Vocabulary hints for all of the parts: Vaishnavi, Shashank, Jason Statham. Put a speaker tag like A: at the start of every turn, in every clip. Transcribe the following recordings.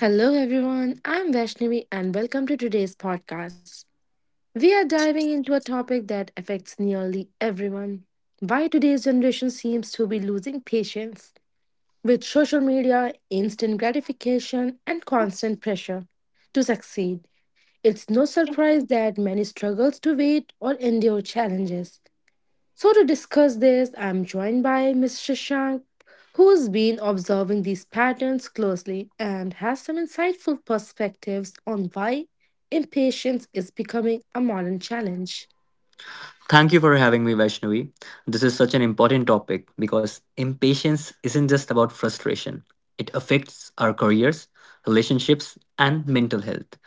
A: Hello, everyone. I'm Vaishnavi, and welcome to today's podcast. We are diving into a topic that affects nearly everyone: why today's generation seems to be losing patience with social media, instant gratification, and constant pressure to succeed. It's no surprise that many struggles to wait or endure challenges. So, to discuss this, I'm joined by Mr. Shank, who's been observing these patterns closely and has some insightful perspectives on why impatience is becoming a modern challenge.
B: Thank you for having me, Vaishnavi. This is such an important topic because impatience isn't just about frustration, it affects our careers, relationships, and mental health.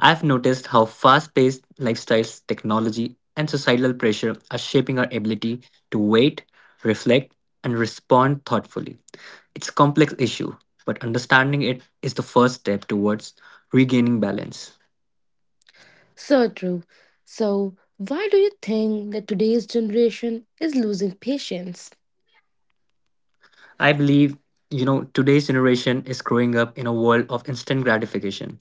B: I've noticed how fast paced lifestyles, technology, and societal pressure are shaping our ability to wait, reflect, and respond thoughtfully. It's a complex issue, but understanding it is the first step towards regaining balance.
A: So true. So, why do you think that today's generation is losing patience?
B: I believe, today's generation is growing up in a world of instant gratification,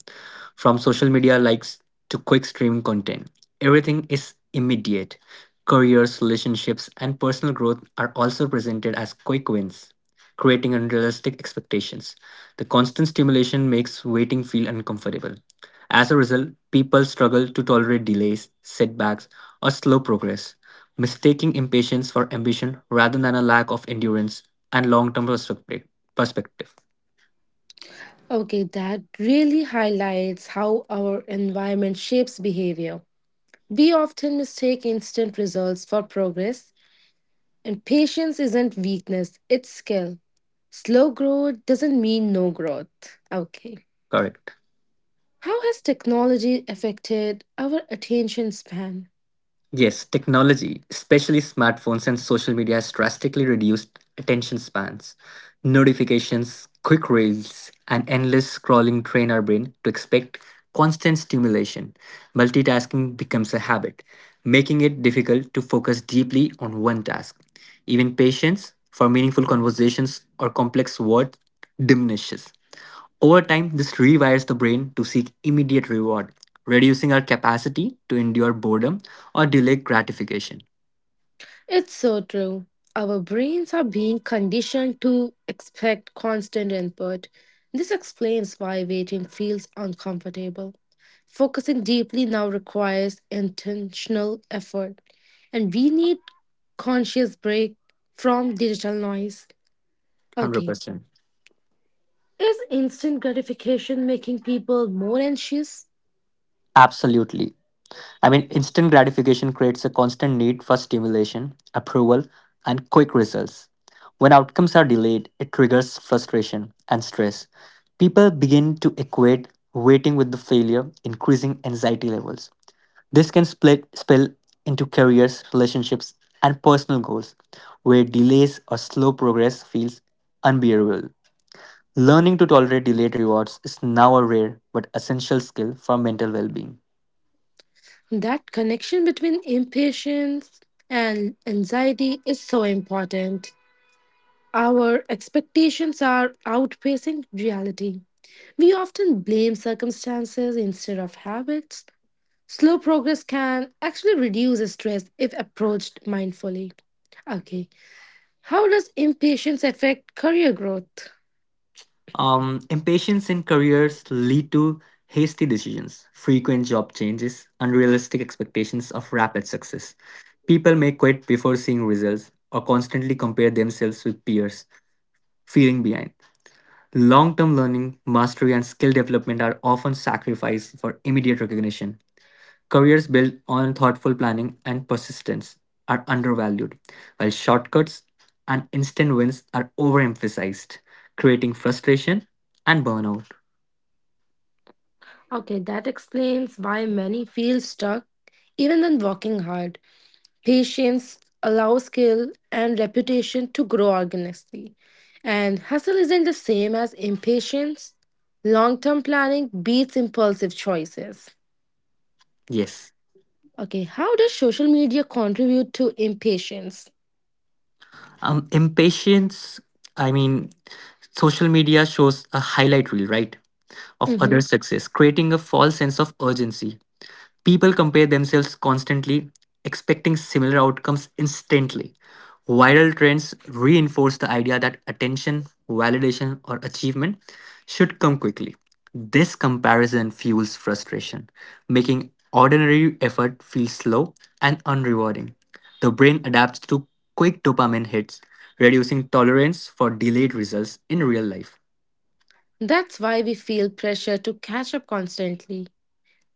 B: from social media likes to quick stream content. Everything is immediate. Careers, relationships, and personal growth are also presented as quick wins, creating unrealistic expectations. The constant stimulation makes waiting feel uncomfortable. As a result, people struggle to tolerate delays, setbacks, or slow progress, mistaking impatience for ambition rather than a lack of endurance and long term perspective.
A: Okay, that really highlights how our environment shapes behavior. We often mistake instant results for progress, and patience isn't weakness, it's skill. Slow growth doesn't mean no growth. Okay.
B: Correct.
A: How has technology affected our attention span?
B: Yes, technology, especially smartphones and social media, has drastically reduced attention spans. Notifications, quick reels, and endless scrolling train our brain to expect constant stimulation. Multitasking becomes a habit, making it difficult to focus deeply on one task. Even patience for meaningful conversations or complex words diminishes. Over time, this rewires the brain to seek immediate reward, reducing our capacity to endure boredom or delay gratification.
A: It's so true. Our brains are being conditioned to expect constant input. This explains why waiting feels uncomfortable. Focusing deeply now requires intentional effort, and we need conscious break from digital noise. Okay.
B: 100%.
A: Is instant gratification making people more anxious?
B: Absolutely. Instant gratification creates a constant need for stimulation, approval, and quick results. When outcomes are delayed, it triggers frustration and stress. People begin to equate waiting with the failure, increasing anxiety levels. This can spill into careers, relationships, and personal goals, where delays or slow progress feels unbearable. Learning to tolerate delayed rewards is now a rare but essential skill for mental well-being.
A: That connection between impatience and anxiety is so important. Our expectations are outpacing reality. We often blame circumstances instead of habits. Slow progress can actually reduce stress if approached mindfully. Okay, how does impatience affect career growth?
B: Impatience in careers lead to hasty decisions, frequent job changes, unrealistic expectations of rapid success. People may quit before seeing results or constantly compare themselves with peers, feeling behind. Long term learning, mastery, and skill development are often sacrificed for immediate recognition. Careers built on thoughtful planning and persistence are undervalued, while shortcuts and instant wins are overemphasized, creating frustration and burnout.
A: Okay, that explains why many feel stuck even when working hard. Patience allows skill and reputation to grow organically. And hustle isn't the same as impatience. Long term planning beats impulsive choices.
B: Yes.
A: Okay, how does social media contribute to impatience?
B: Um, impatience, I mean, social media shows a highlight reel, right? Of other
A: Mhm.
B: success, creating a false sense of urgency. People compare themselves constantly, expecting similar outcomes instantly. Viral trends reinforce the idea that attention, validation, or achievement should come quickly. This comparison fuels frustration, making ordinary effort feel slow and unrewarding. The brain adapts to quick dopamine hits, reducing tolerance for delayed results in real life.
A: That's why we feel pressure to catch up constantly.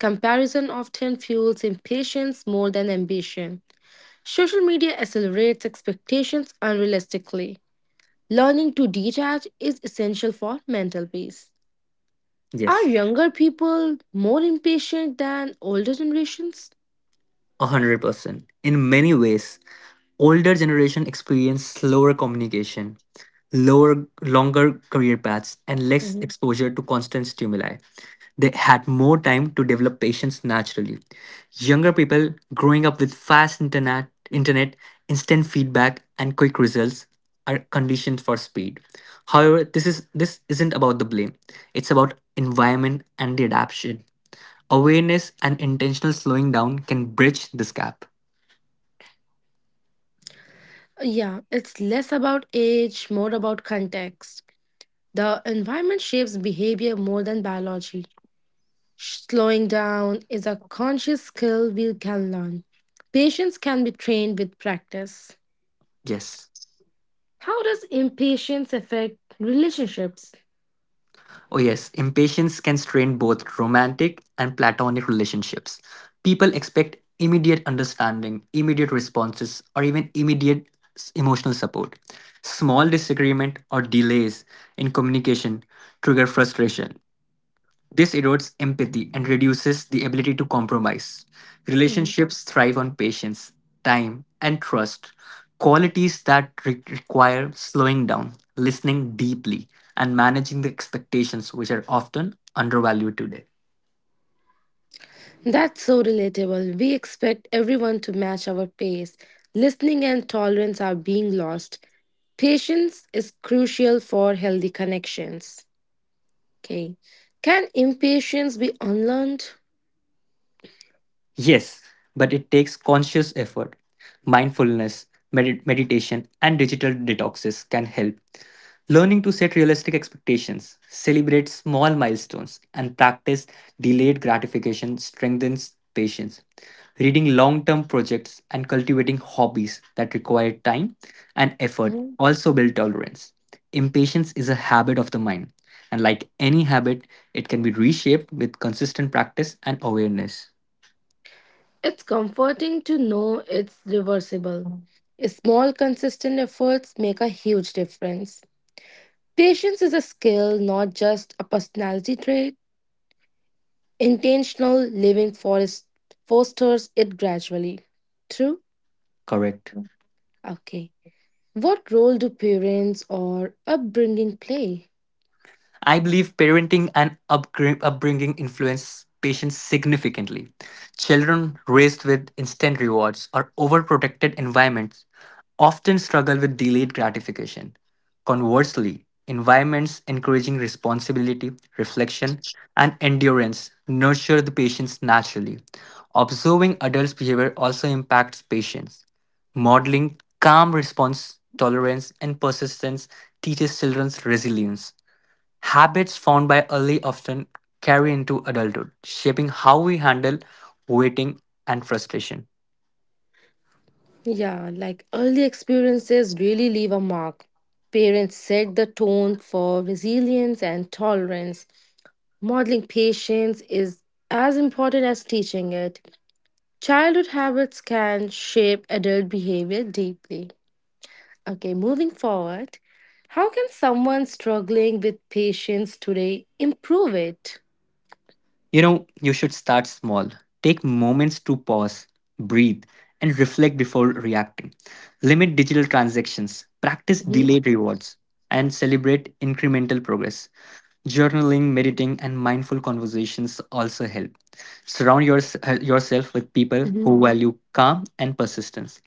A: Comparison often fuels impatience more than ambition. Social media accelerates expectations unrealistically. Learning to detach is essential for mental peace. Are
B: Yes.
A: younger people more impatient than older generations?
B: 100%. In many ways, older generation experience slower communication, lower longer career paths and less
A: Mhm.
B: exposure to constant stimuli. They had more time to develop patience naturally. Younger people growing up with fast internet, instant feedback and quick results are conditioned for speed. However, this isn't about the blame. It's about environment and the adaptation. Awareness and intentional slowing down can bridge this gap.
A: Yeah, it's less about age, more about context. The environment shapes behavior more than biology. Slowing down is a conscious skill we can learn. Patience can be trained with practice.
B: Yes.
A: How does impatience affect relationships?
B: Oh, yes. Impatience can strain both romantic and platonic relationships. People expect immediate understanding, immediate responses, or even immediate emotional support. Small disagreement or delays in communication trigger frustration. This erodes empathy and reduces the ability to compromise. Relationships thrive on patience, time, and trust, qualities that require slowing down, listening deeply, and managing the expectations which are often undervalued today.
A: That's so relatable. We expect everyone to match our pace. Listening and tolerance are being lost. Patience is crucial for healthy connections. Okay. Can impatience be unlearned?
B: Yes, but it takes conscious effort. Mindfulness, meditation, and digital detoxes can help. Learning to set realistic expectations, celebrate small milestones, and practice delayed gratification strengthens patience. Reading long term projects and cultivating hobbies that require time and effort
A: Mhm.
B: also build tolerance. Impatience is a habit of the mind, and like any habit, it can be reshaped with consistent practice and awareness.
A: It's comforting to know it's reversible. Small, consistent efforts make a huge difference. Patience is a skill, not just a personality trait. Intentional living forest fosters it gradually. True?
B: Correct.
A: Okay. What role do parents or upbringing play?
B: I believe parenting and upbringing influence patients significantly. Children raised with instant rewards or overprotected environments often struggle with delayed gratification. Conversely, environments encouraging responsibility, reflection, and endurance nurture the patients naturally. Observing adults' behavior also impacts patients. Modeling calm response, tolerance, and persistence teaches children resilience. Habits formed by early often carry into adulthood, shaping how we handle waiting and frustration.
A: Yeah, like early experiences really leave a mark. Parents set the tone for resilience and tolerance. Modeling patience is as important as teaching it. Childhood habits can shape adult behavior deeply. Okay, moving forward, how can someone struggling with patience today improve it?
B: You should start small. Take moments to pause, breathe, and reflect before reacting. Limit digital transactions, practice
A: Mhm,
B: delayed rewards, and celebrate incremental progress. Journaling, meditating, and mindful conversations also help. Yourself with people
A: mhm.
B: who value calm and persistence.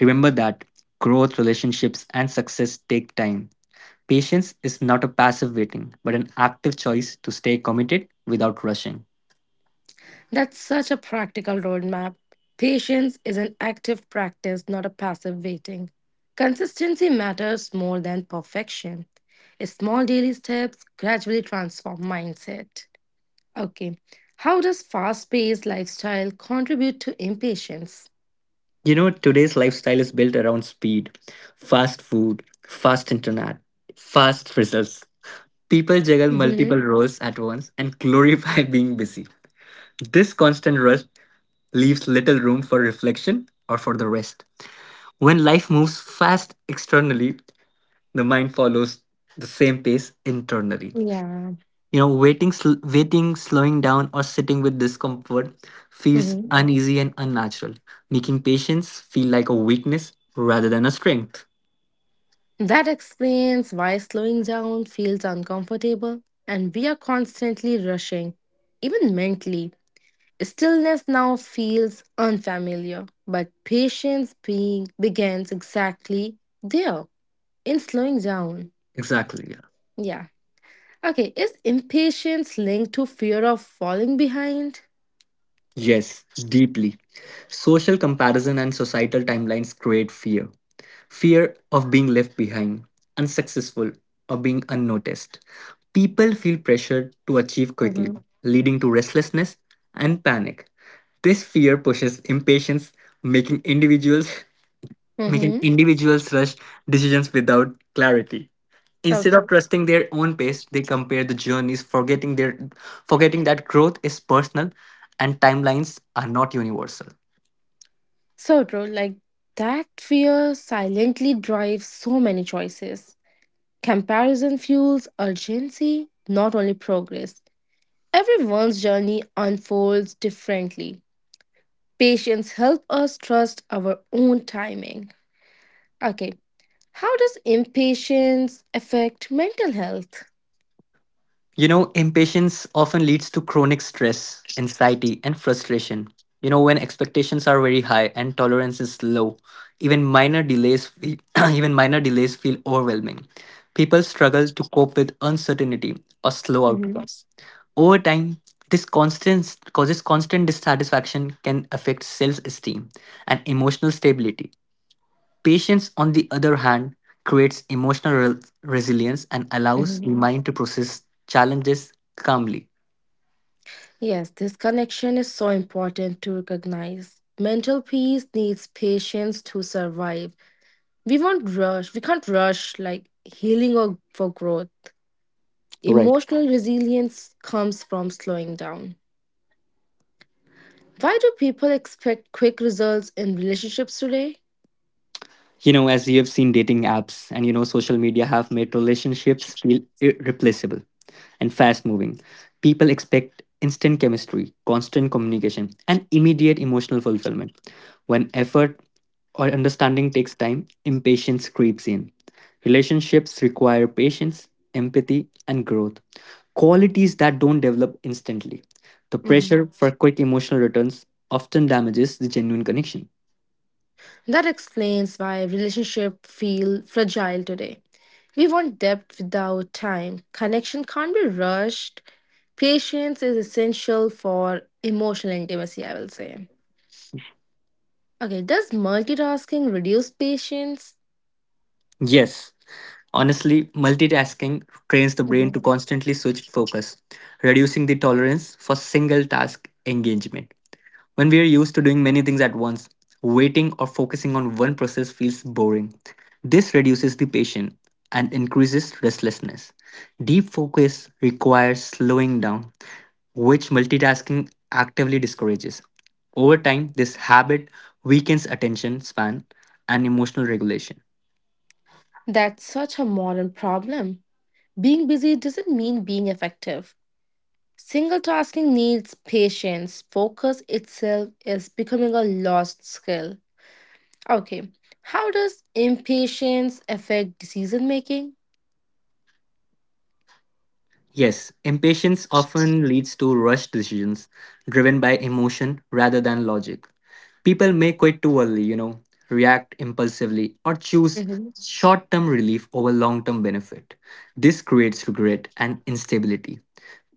B: Remember that growth, relationships, and success take time. Patience is not a passive waiting, but an active choice to stay committed without rushing.
A: That's such a practical roadmap. Patience is an active practice, not a passive waiting. Consistency matters more than perfection. Small daily steps gradually transform mindset. Okay, how does fast paced lifestyle contribute to impatience?
B: Today's lifestyle is built around speed, fast food, fast internet, fast results. People juggle multiple
A: hmm
B: roles at once and glorify being busy. This constant rush leaves little room for reflection or for the rest. When life moves fast externally, the mind follows the same pace internally.
A: Yeah.
B: Waiting, slowing down, or sitting with discomfort feels
A: hmm
B: uneasy and unnatural, making patience feel like a weakness rather than a strength.
A: That explains why slowing down feels uncomfortable and we are constantly rushing, even mentally. Stillness now feels unfamiliar, but patience being begins exactly there, in slowing down.
B: Exactly. Yeah.
A: Yeah. Okay, is impatience linked to fear of falling behind?
B: Yes, deeply. Social comparison and societal timelines create fear. Fear of being left behind, unsuccessful, or being unnoticed. People feel pressured to achieve
A: Mm-hmm.
B: quickly, leading to restlessness and panic. This fear pushes impatience, making individuals making
A: Mm-hmm.
B: individuals rush decisions without clarity.
A: So
B: Instead of
A: true.
B: trusting their own pace, they compare the journeys, forgetting that growth is personal and timelines are not universal.
A: So true. Like that fear silently drives so many choices. Comparison fuels urgency, not only progress. Everyone's journey unfolds differently. Patience help us trust our own timing. Okay, how does impatience affect mental health?
B: Impatience often leads to chronic stress, anxiety, and frustration. When expectations are very high and tolerance is low, even minor delays feel, even minor delays feel overwhelming. People struggle to cope with uncertainty or slow
A: Mhm,
B: outcomes. Over time, this constant causes constant dissatisfaction can affect self-esteem and emotional stability. Patience, on the other hand, creates emotional resilience and allows the
A: mhm.
B: mind to process challenges calmly.
A: Yes, this connection is so important to recognize. Mental peace needs patience to survive. We won't rush. We can't rush like healing or for growth.
B: Right.
A: Emotional resilience comes from slowing down. Why do people expect quick results in relationships today?
B: You know, as you have seen dating apps and social media have made relationships feel irreplaceable and fast moving. People expect instant chemistry, constant communication, and immediate emotional fulfillment. When effort or understanding takes time, impatience creeps in. Relationships require patience, empathy, and growth, qualities that don't develop instantly. The pressure for quick emotional returns often damages the genuine connection.
A: That explains why relationships feel fragile today. We want depth without time. Connection can't be rushed. Patience is essential for emotional intimacy, I will say. Okay, does multitasking reduce patience?
B: Yes. Honestly, multitasking trains the brain to
A: Mhm.
B: constantly switch focus, reducing the tolerance for single task engagement. When we are used to doing many things at once, waiting or focusing on one process feels boring. This reduces the patience and increases restlessness. Deep focus requires slowing down, which multitasking actively discourages. Over time, this habit weakens attention span and emotional regulation.
A: That's such a modern problem. Being busy doesn't mean being effective. Single tasking needs patience. Focus itself is becoming a lost skill. Okay. How does impatience affect decision making?
B: Yes, impatience often leads to rushed decisions driven by emotion rather than logic. People may quit too early, react impulsively, or choose
A: Mhm.
B: short term relief over long term benefit. This creates regret and instability.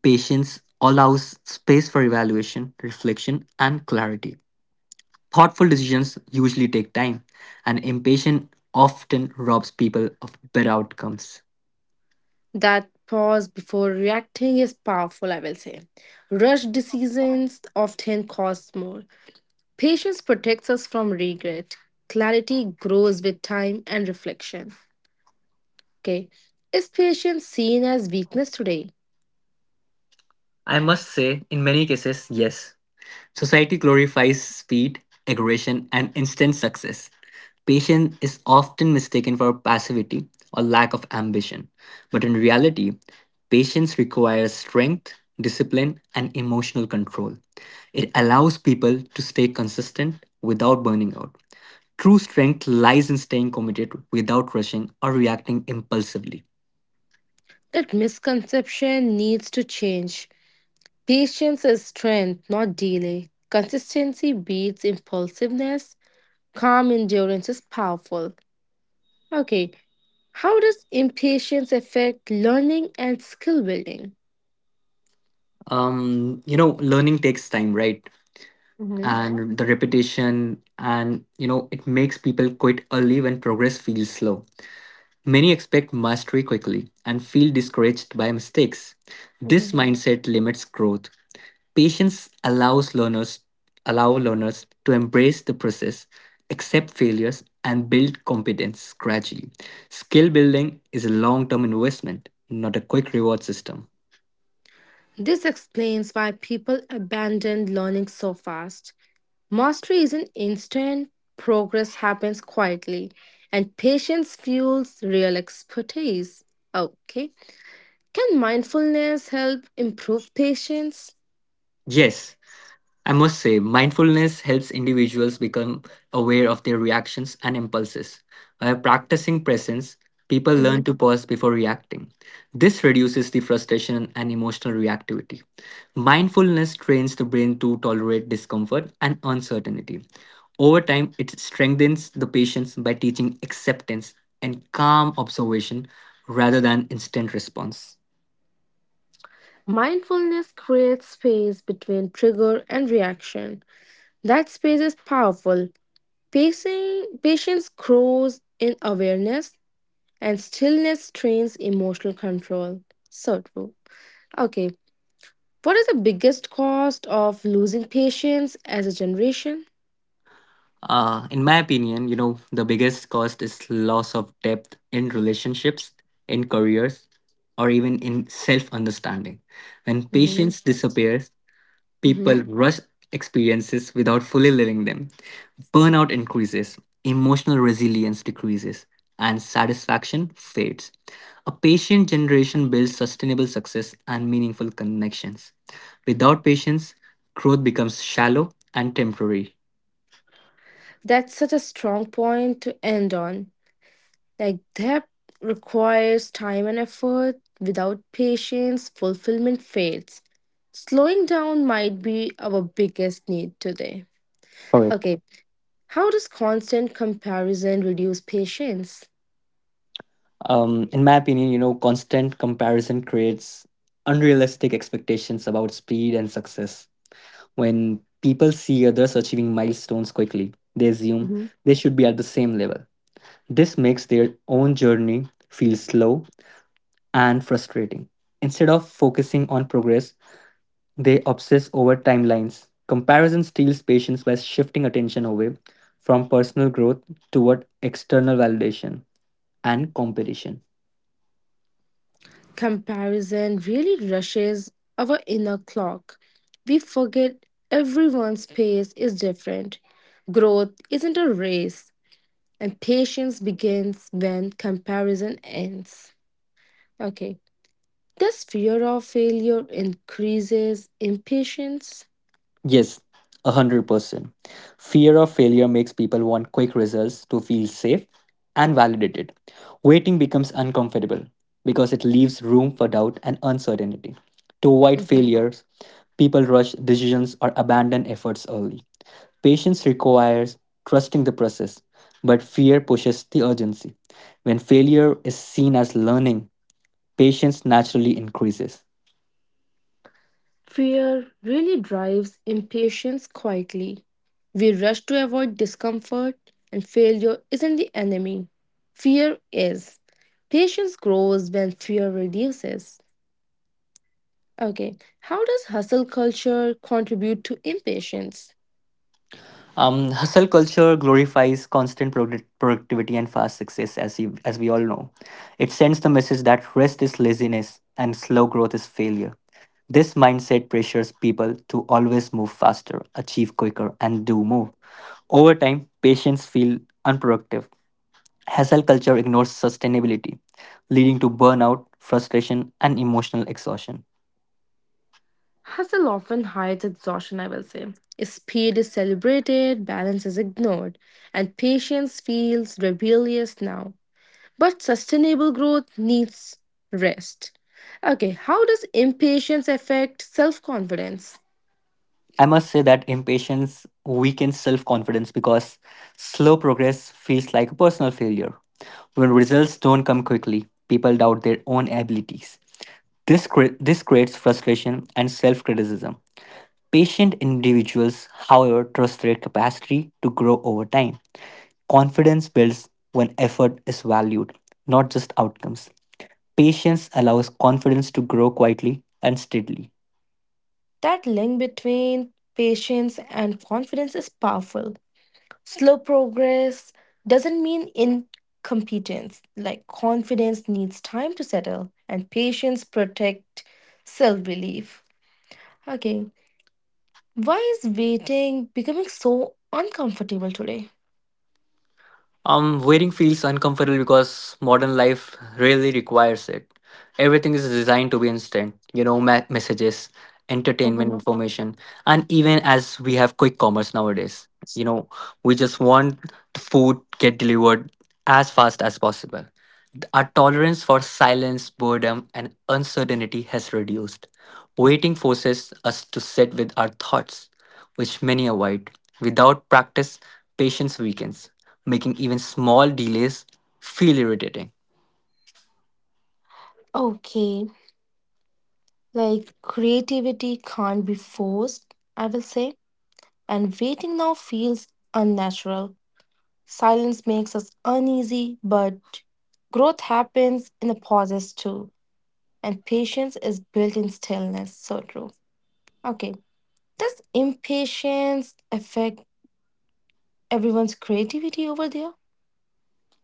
B: Patience allows space for evaluation, reflection, and clarity. Thoughtful decisions usually take time, and impatience often robs people of better outcomes.
A: That pause before reacting is powerful, I will say. Rush decisions often cost more. Patience protects us from regret. Clarity grows with time and reflection. Okay. Is patience seen as weakness today?
B: I must say, in many cases, yes. Society glorifies speed, aggression, and instant success. Patience is often mistaken for passivity or lack of ambition. But in reality, patience requires strength, discipline, and emotional control. It allows people to stay consistent without burning out. True strength lies in staying committed without rushing or reacting impulsively.
A: That misconception needs to change. Patience is strength, not delay. Consistency beats impulsiveness. Calm endurance is powerful. Okay, how does impatience affect learning and skill building?
B: Learning takes time, right?
A: Mhm,
B: And the repetition, and it makes people quit early when progress feels slow. Many expect mastery quickly and feel discouraged by mistakes. This
A: mhm.
B: mindset limits growth. Patience allow learners to embrace the process, accept failures, and build competence gradually. Skill building is a long term investment, not a quick reward system.
A: This explains why people abandon learning so fast. Mastery isn't instant, progress happens quietly, and patience fuels real expertise. Okay. Can mindfulness help improve patience?
B: Yes. I must say, mindfulness helps individuals become aware of their reactions and impulses. By practicing presence, people learn
A: Mhm.
B: to pause before reacting. This reduces the frustration and emotional reactivity. Mindfulness trains the brain to tolerate discomfort and uncertainty. Over time, it strengthens the patience by teaching acceptance and calm observation rather than instant response.
A: Mindfulness creates space between trigger and reaction. That space is powerful. Pacing, patience grows in awareness, and stillness trains emotional control. So true. Okay, what is the biggest cost of losing patience as a generation?
B: In my opinion, the biggest cost is loss of depth in relationships, in careers, or even in self understanding. When
A: Mhm.
B: patience disappears, people
A: Mhm.
B: rush experiences without fully living them. Burnout increases, emotional resilience decreases, and satisfaction fades. A patient generation builds sustainable success and meaningful connections. Without patience, growth becomes shallow and temporary.
A: That's such a strong point to end on. Like that requires time and effort. Without patience, fulfillment fades. Slowing down might be our biggest need today.
B: Correct.
A: Okay, how does constant comparison reduce patience?
B: In my opinion, constant comparison creates unrealistic expectations about speed and success. When people see others achieving milestones quickly, they assume
A: Mhm.
B: they should be at the same level. This makes their own journey feel slow and frustrating. Instead of focusing on progress, they obsess over timelines. Comparison steals patience by shifting attention away from personal growth toward external validation and competition.
A: Comparison really rushes our inner clock. We forget everyone's pace is different. Growth isn't a race, and patience begins when comparison ends. Okay, this fear of failure increases impatience.
B: Yes, 100%. Fear of failure makes people want quick results to feel safe and validated. Waiting becomes uncomfortable because it leaves room for doubt and uncertainty. To avoid
A: Mhm.
B: failures, people rush decisions or abandon efforts early. Patience requires trusting the process, but fear pushes the urgency. When failure is seen as learning, patience naturally increases.
A: Fear really drives impatience quietly. We rush to avoid discomfort, and failure isn't the enemy. Fear is. Patience grows when fear reduces. Okay, how does hustle culture contribute to impatience?
B: Hustle culture glorifies constant productivity and fast success, as we all know. It sends the message that rest is laziness and slow growth is failure. This mindset pressures people to always move faster, achieve quicker, and do more. Over time, patients feel unproductive. Hustle culture ignores sustainability, leading to burnout, frustration, and emotional exhaustion.
A: Hustle often hides exhaustion, I will say. Speed is celebrated, balance is ignored, and patience feels rebellious now. But sustainable growth needs rest. Okay, how does impatience affect self confidence?
B: I must say that impatience weakens self confidence because slow progress feels like a personal failure. When results don't come quickly, people doubt their own abilities. This creates frustration and self criticism. Patient individuals, however, trust their capacity to grow over time. Confidence builds when effort is valued, not just outcomes. Patience allows confidence to grow quietly and steadily.
A: That link between patience and confidence is powerful. Slow progress doesn't mean incompetence. Like confidence needs time to settle, and patience protect self belief. Okay, why is waiting becoming so uncomfortable today?
B: Wearing feels uncomfortable because modern life really requires it. Everything is designed to be instant, you know, messages, entertainment,
A: Mhm.
B: information, and even as we have quick commerce nowadays, you know, we just want the food get delivered as fast as possible. Our tolerance for silence, boredom, and uncertainty has reduced. Waiting forces us to sit with our thoughts, which many avoid. Without practice, patience weakens, making even small delays feel irritating.
A: Okay, like creativity can't be forced, I will say, and waiting now feels unnatural. Silence makes us uneasy, but growth happens in the pauses too, and patience is built in stillness. So true. Okay, does impatience affect everyone's creativity over there?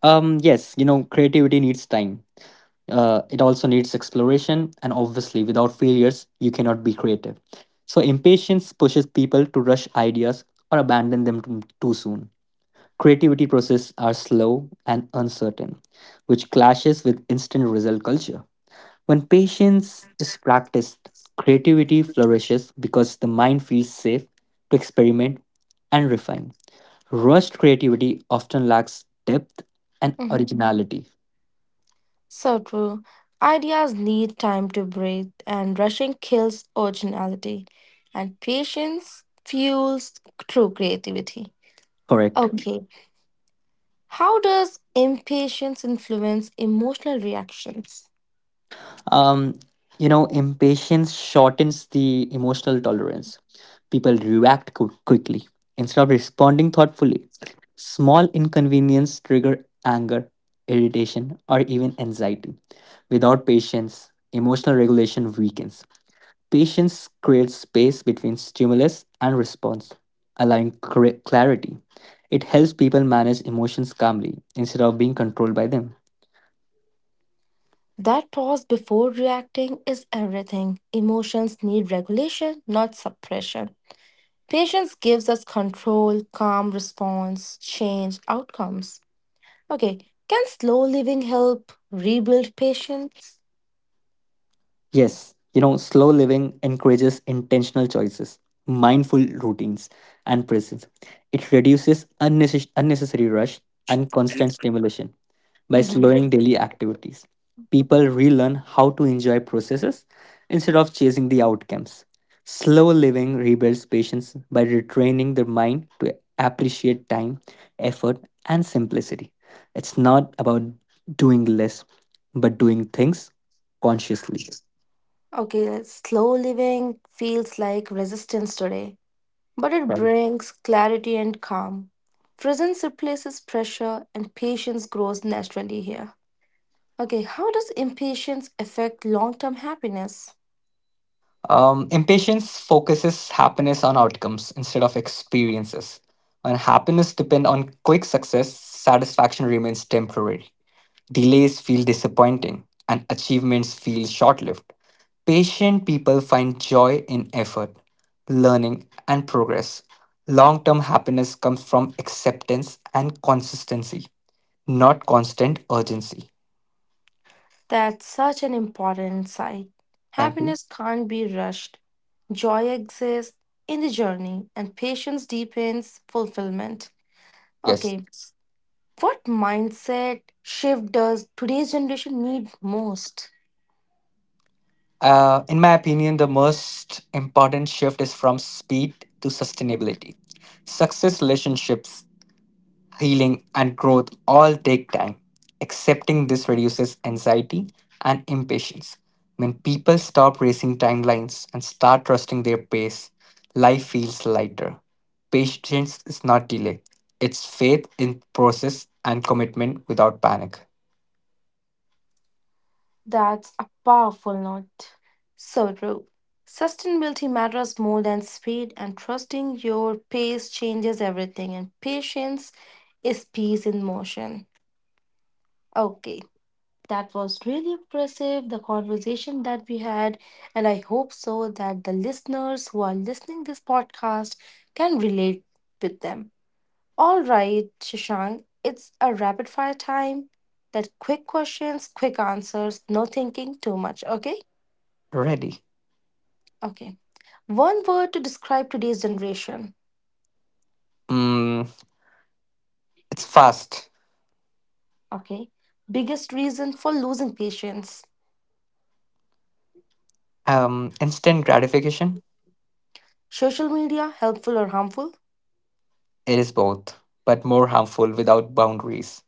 B: Yes, you know, creativity needs time. It also needs exploration, and obviously, without failures, you cannot be creative. So, impatience pushes people to rush ideas or abandon them too soon. Creativity processes are slow and uncertain, which clashes with instant result culture. When patience is practiced, creativity flourishes because the mind feels safe to experiment and refine. Rushed creativity often lacks depth and
A: Mhm.
B: originality.
A: So true. Ideas need time to breathe, and rushing kills originality, and patience fuels true creativity.
B: Correct.
A: Okay, how does impatience influence emotional reactions?
B: Um, you know, impatience shortens the emotional tolerance. People react quickly instead of responding thoughtfully. Small inconvenience trigger anger, irritation, or even anxiety. Without patience, emotional regulation weakens. Patience creates space between stimulus and response, clarity. It helps people manage emotions calmly instead of being controlled by them.
A: That pause before reacting is everything. Emotions need regulation, not suppression. Patience gives us control, calm response, change outcomes. Okay, can slow living help rebuild patience?
B: Yes, you know, slow living encourages intentional choices, mindful routines, and presence. It reduces unnecessary rush and constant stimulation by
A: Mhm.
B: slowing daily activities. People relearn how to enjoy processes instead of chasing the outcomes. Slow living rebuilds patience by retraining the mind to appreciate time, effort, and simplicity. It's not about doing less, but doing things consciously.
A: Okay, slow living feels like resistance today, but it brings clarity and calm. Presence replaces pressure, and patience grows naturally here. Okay, how does impatience affect long term happiness?
B: Impatience focuses happiness on outcomes instead of experiences. When happiness depends on quick success, satisfaction remains temporary. Delays feel disappointing, and achievements feel short lived. Patient people find joy in effort, learning, and progress. Long term happiness comes from acceptance and consistency, not constant urgency.
A: That's such an important insight.
B: Thank you.
A: Happiness can't be rushed. Joy exists in the journey, and patience deepens fulfillment.
B: Yes.
A: Okay, what mindset shift does today's generation need most?
B: In my opinion, the most important shift is from speed to sustainability. Success, relationships, healing, and growth all take time. Accepting this reduces anxiety and impatience. When people stop racing timelines and start trusting their pace, life feels lighter. Patience is not delay, it's faith in process and commitment without panic.
A: That's a powerful note. So true. Sustainability matters more than speed, and trusting your pace changes everything, and patience is peace in motion. Okay, that was really impressive, the conversation that we had, and I hope so that the listeners who are listening this podcast can relate with them. All right, Shashank, it's a rapid fire time. That quick questions, quick answers, no thinking too much, okay?
B: Ready.
A: Okay. One word to describe today's generation,
B: Mm, it's fast.
A: okay? Biggest reason for losing patience.
B: Instant gratification.
A: Social media, helpful or harmful?
B: It is both, but more harmful without boundaries.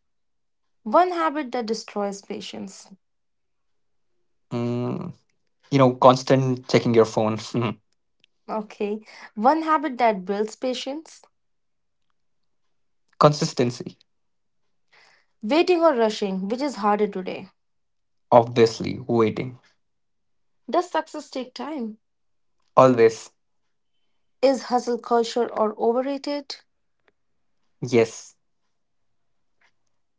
A: One habit that destroys patience,
B: Mm, you know, constant checking your phone. Mm.
A: okay? One habit that builds patience.
B: Consistency.
A: Waiting or rushing, which is harder today?
B: Obviously, waiting.
A: Does success take time?
B: Always.
A: Is hustle culture or overrated?
B: Yes.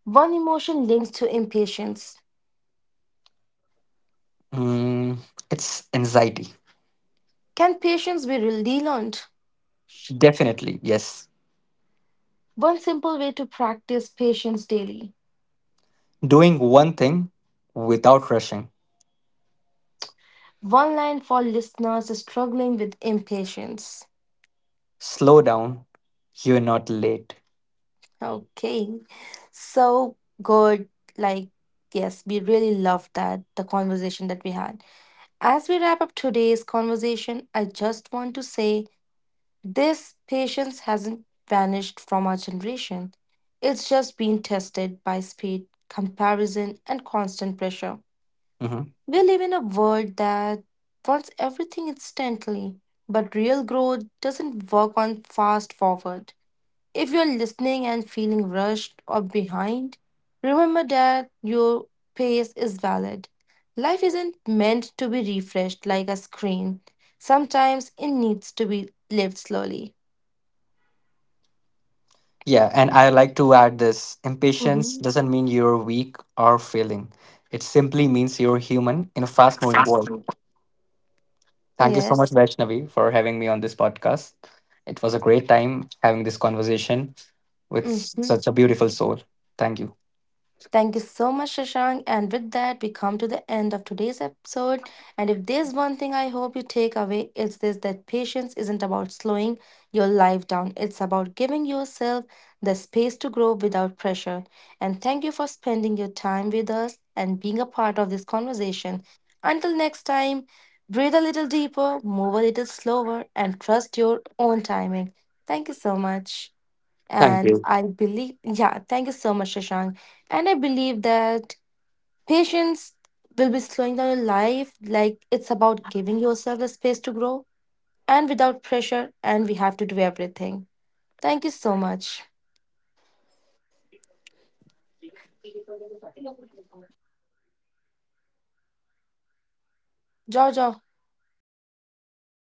A: One emotion linked to impatience.
B: Mm, it's anxiety.
A: Can patience be relearned?
B: Definitely, yes.
A: One simple way to practice patience daily.
B: Doing one thing without rushing.
A: One line for listeners struggling with impatience.
B: Slow down, you're not late.
A: Okay, so good. Like, yes, we really love that, the conversation that we had. As we wrap up today's conversation, I just want to say this: patience hasn't vanished from our generation. It's just been tested by speed, comparison, and constant pressure.
B: Hmm.
A: We live in a world that wants everything instantly, but real growth doesn't work on fast forward. If you're listening and feeling rushed or behind, remember that your pace is valid. Life isn't meant to be refreshed like a screen. Sometimes it needs to be lived slowly.
B: Yeah, and I like to add this, impatience
A: hmm
B: doesn't mean you're weak or failing, it simply means you're human in a fast moving world. Thank you so much,
A: Yes.
B: Vaishnavi, for having me on this podcast. It was a great time having this conversation with
A: hmm
B: such a beautiful soul. Thank you.
A: Thank you so much, Shashank. And with that, we come to the end of today's episode. And if there's one thing I hope you take away, it's this, that patience isn't about slowing your life down, it's about giving yourself the space to grow without pressure. And thank you for spending your time with us and being a part of this conversation. Until next time, breathe a little deeper, move a little slower, and trust your own timing. Thank you so much.
B: Thank
A: And
B: you.
A: I believe, yeah, thank you so much, Shashank. And I believe that patience will be slowing down your life. Like it's about giving yourself the space to grow and without pressure. And we have to do everything. Thank you so much. Jojo,